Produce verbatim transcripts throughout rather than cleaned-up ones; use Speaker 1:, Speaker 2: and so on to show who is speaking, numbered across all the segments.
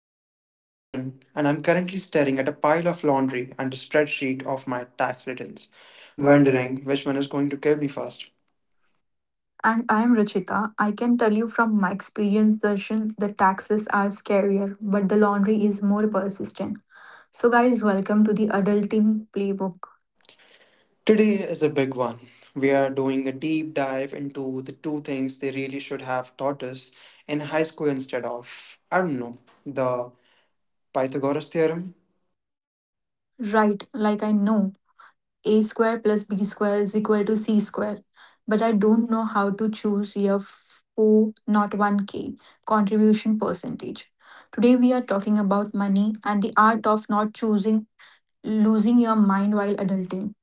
Speaker 1: everyone. I'm Darshan, and I'm currently staring at a pile of laundry and a spreadsheet of my tax returns,
Speaker 2: Wondering.
Speaker 1: wondering which one is going to kill me first.
Speaker 2: And I am Rachita. I can tell you from my experience, Darshan, the taxes are scarier, but the laundry is more persistent. So, guys, welcome to the adulting playbook.
Speaker 1: Today is a big one. We are doing a deep dive into the two things they really should have taught us in high school instead of, I don't know, the Pythagoras theorem.
Speaker 2: Right, like I know, A square plus B square is equal to C square, but I don't know how to choose year four, not one K, contribution percentage. Today, we are talking about money and the art of not choosing, losing your mind while adulting.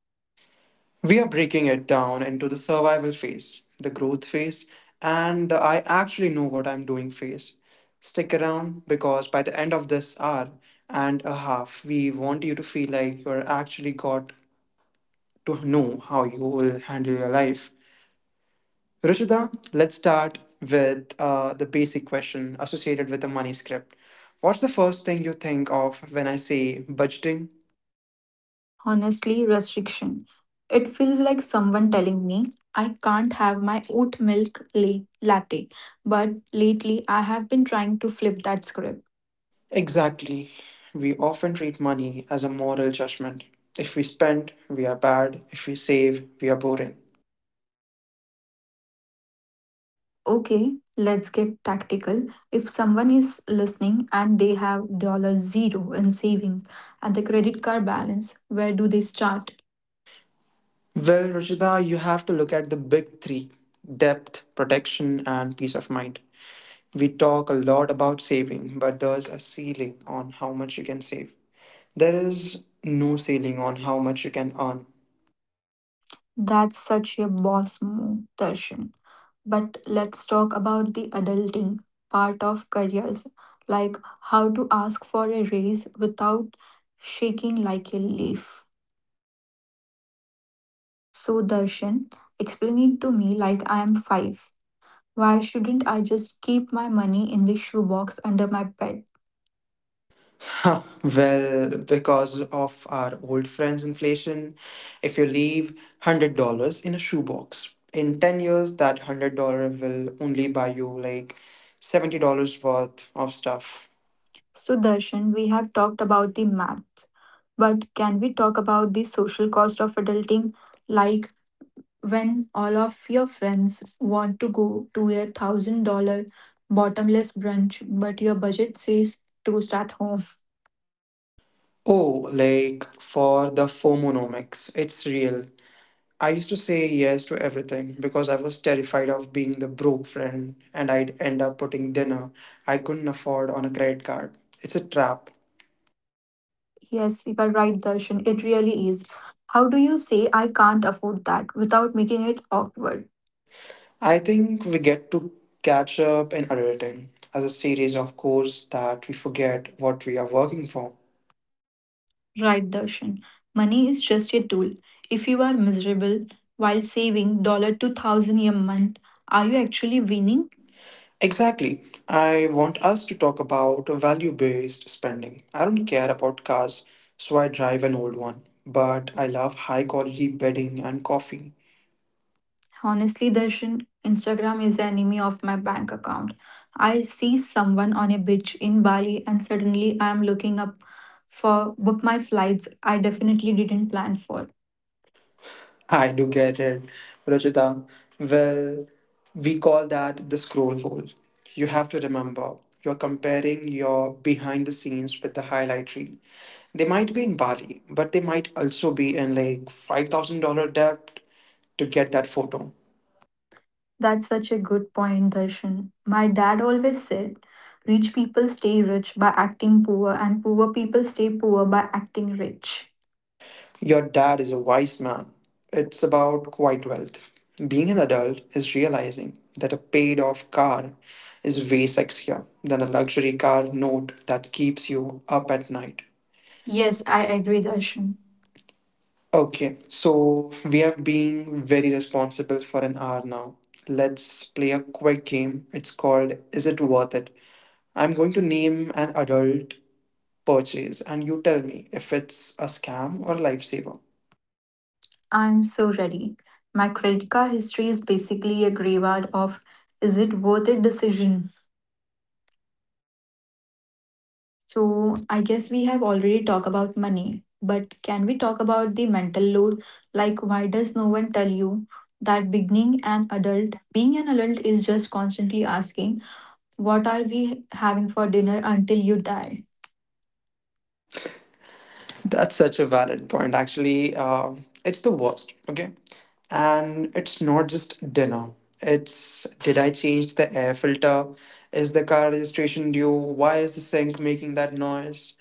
Speaker 1: We are breaking it down into the survival phase, the growth phase, and the I actually know what I'm doing phase. Stick around because by the end of this hour and a half, we want you to feel like you're actually got to know how you will handle your life. Rushida, let's start with uh, the basic question associated with the money script. What's the first thing you think of when I say budgeting?
Speaker 2: Honestly, restriction. It feels like someone telling me I can't have my oat milk la- latte. But lately, I have been trying to flip that script.
Speaker 1: Exactly. We often treat money as a moral judgment. If we spend, we are bad. If we save, we are boring.
Speaker 2: Okay, let's get tactical. If someone is listening and they have dollar zero in savings and the credit card balance, where do they start?
Speaker 1: Well, Ruchita, you have to look at the big three: depth, protection, and peace of mind. We talk a lot about saving, but there's a ceiling on how much you can save. There is no ceiling on how much you can earn.
Speaker 2: That's such a boss move, Darshan. But let's talk about the adulting part of careers, like how to ask for a raise without shaking like a leaf. So, Darshan, explain it to me like I am five. Why shouldn't I just keep my money in the shoebox under my bed?
Speaker 1: Huh, well, because of our old friends inflation, if you leave one hundred dollars in a shoebox, in ten years, that one hundred dollars will only buy you like seventy dollars worth of stuff.
Speaker 2: So, Darshan, we have talked about the math, but can we talk about the social cost of adulting? Like, when all of your friends want to go to a thousand dollar bottomless brunch, but your budget says toast at home.
Speaker 1: Oh, like for the FOMOnomics, it's real. I used to say yes to everything because I was terrified of being the broke friend, and I'd end up putting dinner I couldn't afford on a credit card. It's a trap.
Speaker 2: Yes, you are right, Darshan. It really is. How do you say I can't afford that without making it awkward?
Speaker 1: I think we get to catch up in adulting as a series of course that we forget what we are working for.
Speaker 2: Right, Darshan. Money is just a tool. If you are miserable while saving dollar two thousand a month, are you actually winning?
Speaker 1: Exactly. I want us to talk about value based spending. I don't care about cars, so I drive an old one, but I love high quality bedding and coffee.
Speaker 2: Honestly, Darshan, Instagram is the enemy of my bank account. I see someone on a beach in Bali and suddenly I am looking up for book my flights I definitely didn't plan for.
Speaker 1: I do get it, Ruchita. Well, we call that the scroll hole. You have to remember you're comparing your behind the scenes with the highlight reel. They might be in Bali, but they might also be in like five thousand dollars debt to get that photo.
Speaker 2: That's such a good point, Darshan. My dad always said, rich people stay rich by acting poor and poor people stay poor by acting rich.
Speaker 1: Your dad is a wise man. It's about quiet wealth. Being an adult is realizing that a paid off car is way sexier than a luxury car note that keeps you up at night. Yes,
Speaker 2: Yes, I
Speaker 1: I
Speaker 2: agree,
Speaker 1: agree, Darshan.
Speaker 2: Darshan.
Speaker 1: Okay, so we have been very responsible for an hour now. Let's play a quick game. It's called Is It Worth It? I'm going to name an adult purchase and you tell me if it's a scam or a lifesaver.
Speaker 2: I'm so ready. My credit card history is basically a graveyard of is it worth it decision. So, I guess we have already talked about money, but can we talk about the mental load? Like, why does no one tell you that beginning an adult, being an adult is just constantly asking, what are we having for dinner until you die?
Speaker 1: That's such a valid point. Actually, um, it's the worst, okay? And it's not just dinner. It's did I change the air filter? Is the car registration due? Why is the sink making that noise?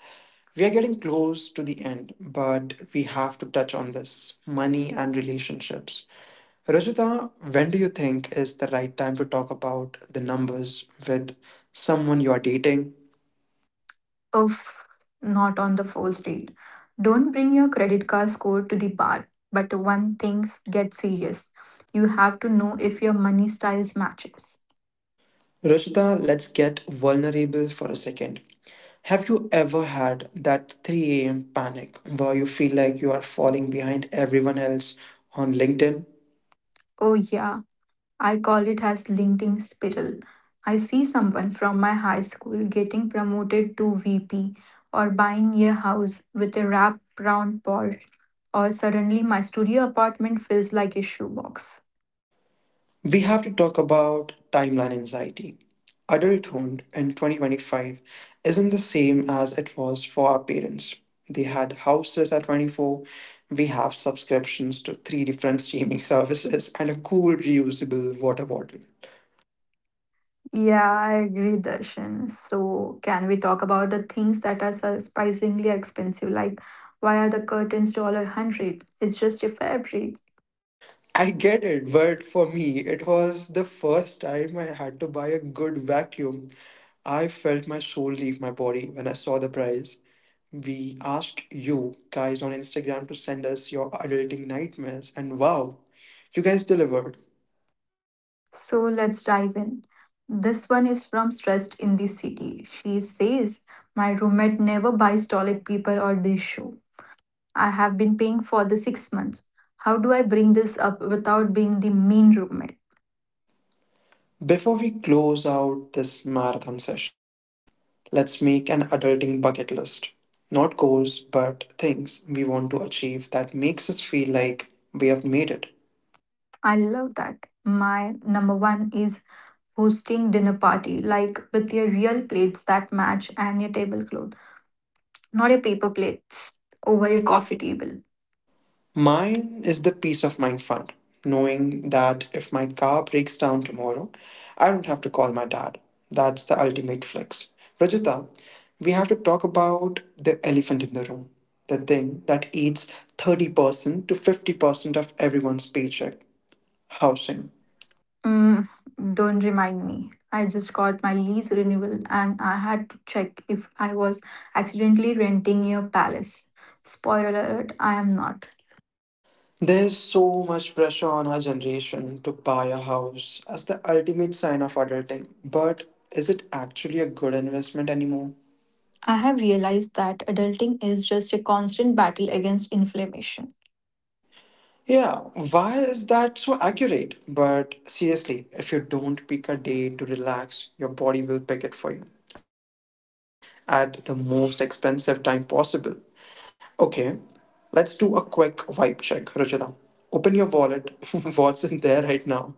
Speaker 1: We are getting close to the end, but we have to touch on this money and relationships. Rajita, when do you think is the right time to talk about the numbers with someone you are dating?
Speaker 2: Oof, not on the first date. Don't bring your credit card score to the bar, but one things get serious. You have to know if your money styles matches.
Speaker 1: Rajita, let's get vulnerable for a second. Have you ever had that three a m panic where you feel like you are falling behind everyone else on LinkedIn?
Speaker 2: Oh, yeah. I call it as LinkedIn spiral. I see someone from my high school getting promoted to V P or buying a house with a wrap round Porsche or suddenly my studio apartment feels like a shoebox.
Speaker 1: We have to talk about timeline anxiety. Adulthood in twenty twenty-five isn't the same as it was for our parents. They had houses at twenty-four. We have subscriptions to three different streaming services and a cool reusable water bottle.
Speaker 2: Yeah, I agree, Darshan. So, can we talk about the things that are surprisingly expensive? Like, why are the curtains dollar hundred? It's just a fabric.
Speaker 1: I get it, but for me, it was the first time I had to buy a good vacuum. I felt my soul leave my body when I saw the price. We asked you guys on Instagram to send us your adulting nightmares, and wow, you guys delivered.
Speaker 2: So let's dive in. This one is from Stressed in the City. She says, my roommate never buys toilet paper or this shoe. I have been paying for the six months. How do I bring this up without being the mean roommate?
Speaker 1: Before we close out this marathon session, let's make an adulting bucket list. Not goals, but things we want to achieve that makes us feel like we have made it.
Speaker 2: I love that. My number one is hosting dinner party, like with your real plates that match and your tablecloth, not your paper plates over
Speaker 1: Over your
Speaker 2: your
Speaker 1: coffee.
Speaker 2: coffee table.
Speaker 1: Mine is the peace of mind fund, knowing that if my car breaks down tomorrow, I don't have to call my dad. That's the ultimate flex. Rajita, we have to talk about the elephant in the room, the thing that eats thirty percent to fifty percent of everyone's paycheck: housing.
Speaker 2: Mm, don't remind me. I just got my lease renewal and I had to check if I was accidentally renting your palace. Spoiler alert, I am not.
Speaker 1: There's so much pressure on our generation to buy a house as the ultimate sign of adulting, but is it actually a good investment anymore?
Speaker 2: I have realized that adulting is just a constant battle against inflammation.
Speaker 1: Yeah, why is that so accurate? But seriously, if you don't pick a day to relax, your body will pick it for you, and usually at the most expensive time possible. Okay, let's do a quick vibe check, Ruchita. Open your wallet. What's in there right now?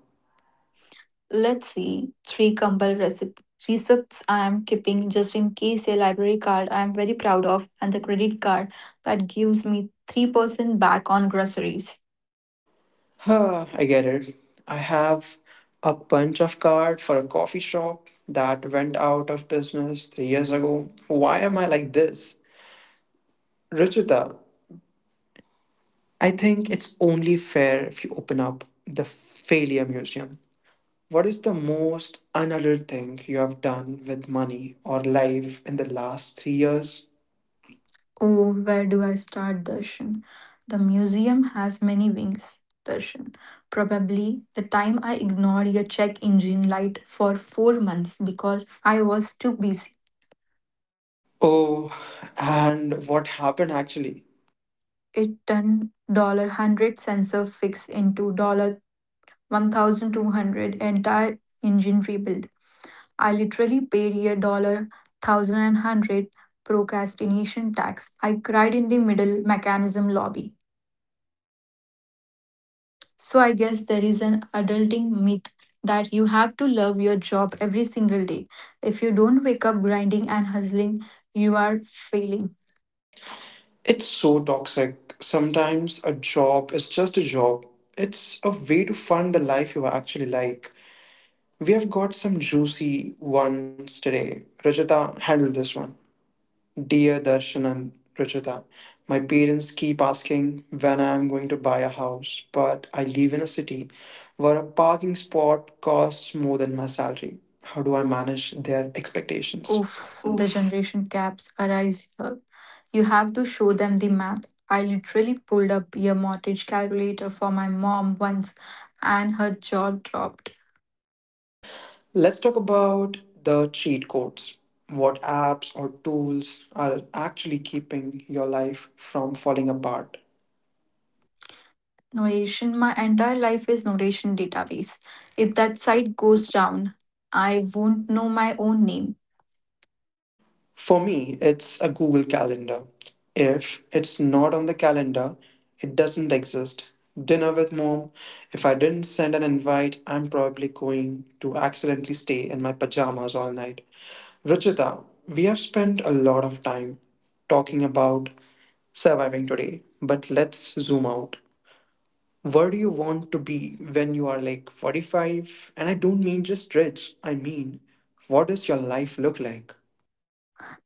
Speaker 2: Let's see, three Kumbal recip- recepts I am keeping just in case, a library card I am very proud of, and the credit card that gives me three percent back on groceries.
Speaker 1: Huh, I get it. I have a bunch of card for a coffee shop that went out of business three years ago. Why am I like this? Ruchita, I think it's only fair if you open up the failure museum. What is the most unadult thing you have done with money or life in the last three years?
Speaker 2: Oh, where do I start, Darshan? The museum has many wings, Darshan. Probably the time I ignored your check engine light for four months because I was too busy.
Speaker 1: Oh, and what happened actually?
Speaker 2: It turned dollar hundred sensor fix into dollar one thousand two hundred entire engine rebuild. I literally paid a dollar thousand and hundred procrastination tax. I cried in the middle mechanism lobby. So I guess there is an adulting myth that you have to love your job every single day. If you don't wake up grinding and hustling, you are failing.
Speaker 1: It's so toxic. Sometimes a job is just a job, it's a way to fund the life you actually like. We have got some juicy ones today. Rajata, handle this one. Dear Darshan and Ruchita, my parents keep asking when I'm going to buy a house, but I live in a city where a parking spot costs more than my salary. How do I manage their expectations?
Speaker 2: Oof, the
Speaker 1: Oof.
Speaker 2: generation gaps arise here. You have to show them the math. I literally pulled up a mortgage calculator for my mom once and her jaw dropped.
Speaker 1: Let's talk about the cheat codes. What apps or tools are actually keeping your life from falling apart?
Speaker 2: Notation, my entire life is notation database. If that site goes down, I won't know my own name.
Speaker 1: For me, it's a Google Calendar. If it's not on the calendar, it doesn't exist. Dinner with mom, if I didn't send an invite, I'm probably going to accidentally stay in my pajamas all night. Ruchita, we have spent a lot of time talking about surviving today, but let's zoom out. Where do you want to be when you are like forty-five? And I don't mean just rich, I mean, what does your life look like?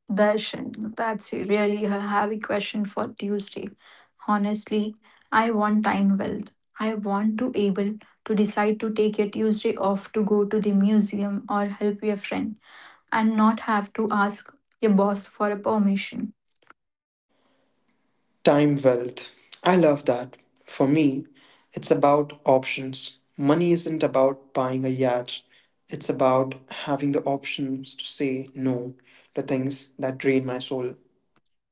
Speaker 2: Darshan, that's really a heavy question for Tuesday. Honestly, I want time wealth. I want to able to decide to take a Tuesday off to go to the museum or help your friend and not have to ask your boss for a permission.
Speaker 1: Time wealth. I love that. For me, it's about options. Money isn't about buying a yacht, it's about having the options to say no to things that drain my soul.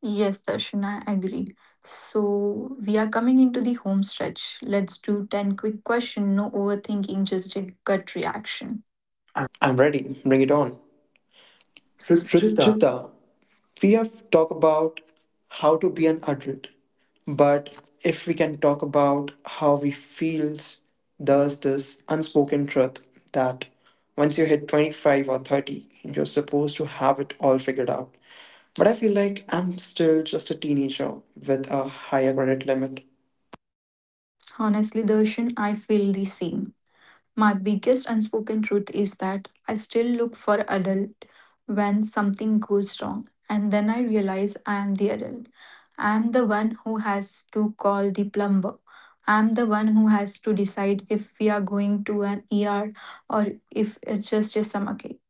Speaker 2: Yes, Darshan, I agree. So we are coming into the home stretch. Let's do ten quick questions, no overthinking, just a gut reaction.
Speaker 1: I'm ready. Bring it on.
Speaker 2: Suchita.
Speaker 1: Ruchita, we have talked about how to be an adult, but if we can talk about how we feels, there's this unspoken truth that once you hit twenty-five or thirty you're supposed to have it all figured out, but I feel like I'm still just a teenager with a higher credit limit.
Speaker 2: Honestly, Darshan, I feel the same. My biggest unspoken truth is that I still look for adult when something goes wrong, and then I realize I am the adult. I am the one who has to call the plumber. I am the one who has to decide if we are going to an E R or if it's just a stomachache.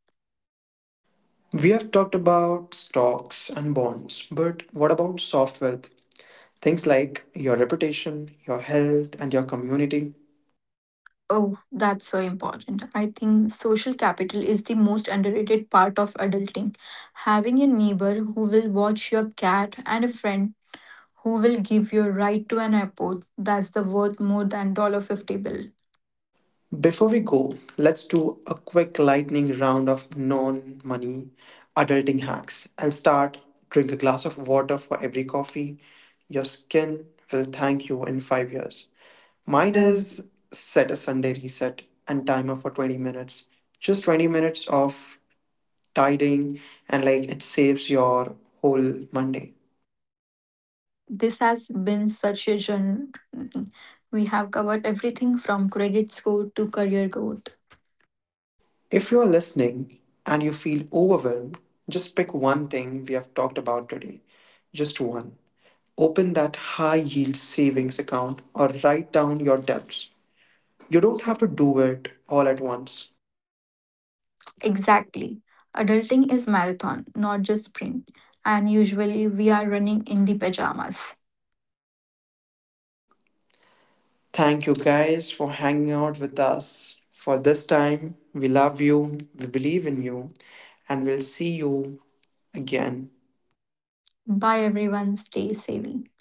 Speaker 1: We have talked about stocks and bonds, but what about soft wealth, things like your reputation, your health, and your community?
Speaker 2: Oh, that's so important. I think social capital is the most underrated part of adulting. Having a neighbor who will watch your cat and a friend who will give your right to an airport, that's the worth more than fifty bill?
Speaker 1: Before we go, let's do a quick lightning round of non money adulting hacks. I'll start. Drink a glass of water for every coffee. Your skin will thank you in five years.
Speaker 2: Mine
Speaker 1: Mine
Speaker 2: is.
Speaker 1: is set a Sunday reset and timer for twenty minutes. Just twenty minutes of tidying, and like it saves your whole Monday.
Speaker 2: This has been such a journey. We have covered everything from credit score to career growth.
Speaker 1: If you are listening and you feel overwhelmed, just pick one thing we have talked about today. Just one. Open that high yield savings account or write down your debts. You don't have to do it all at once.
Speaker 2: Exactly. Adulting is marathon, not just sprint. And usually we are running in the pajamas.
Speaker 1: Thank you guys for hanging out with us for this time. We love you, we believe in you, and we'll see you again.
Speaker 2: Bye everyone, stay savvy.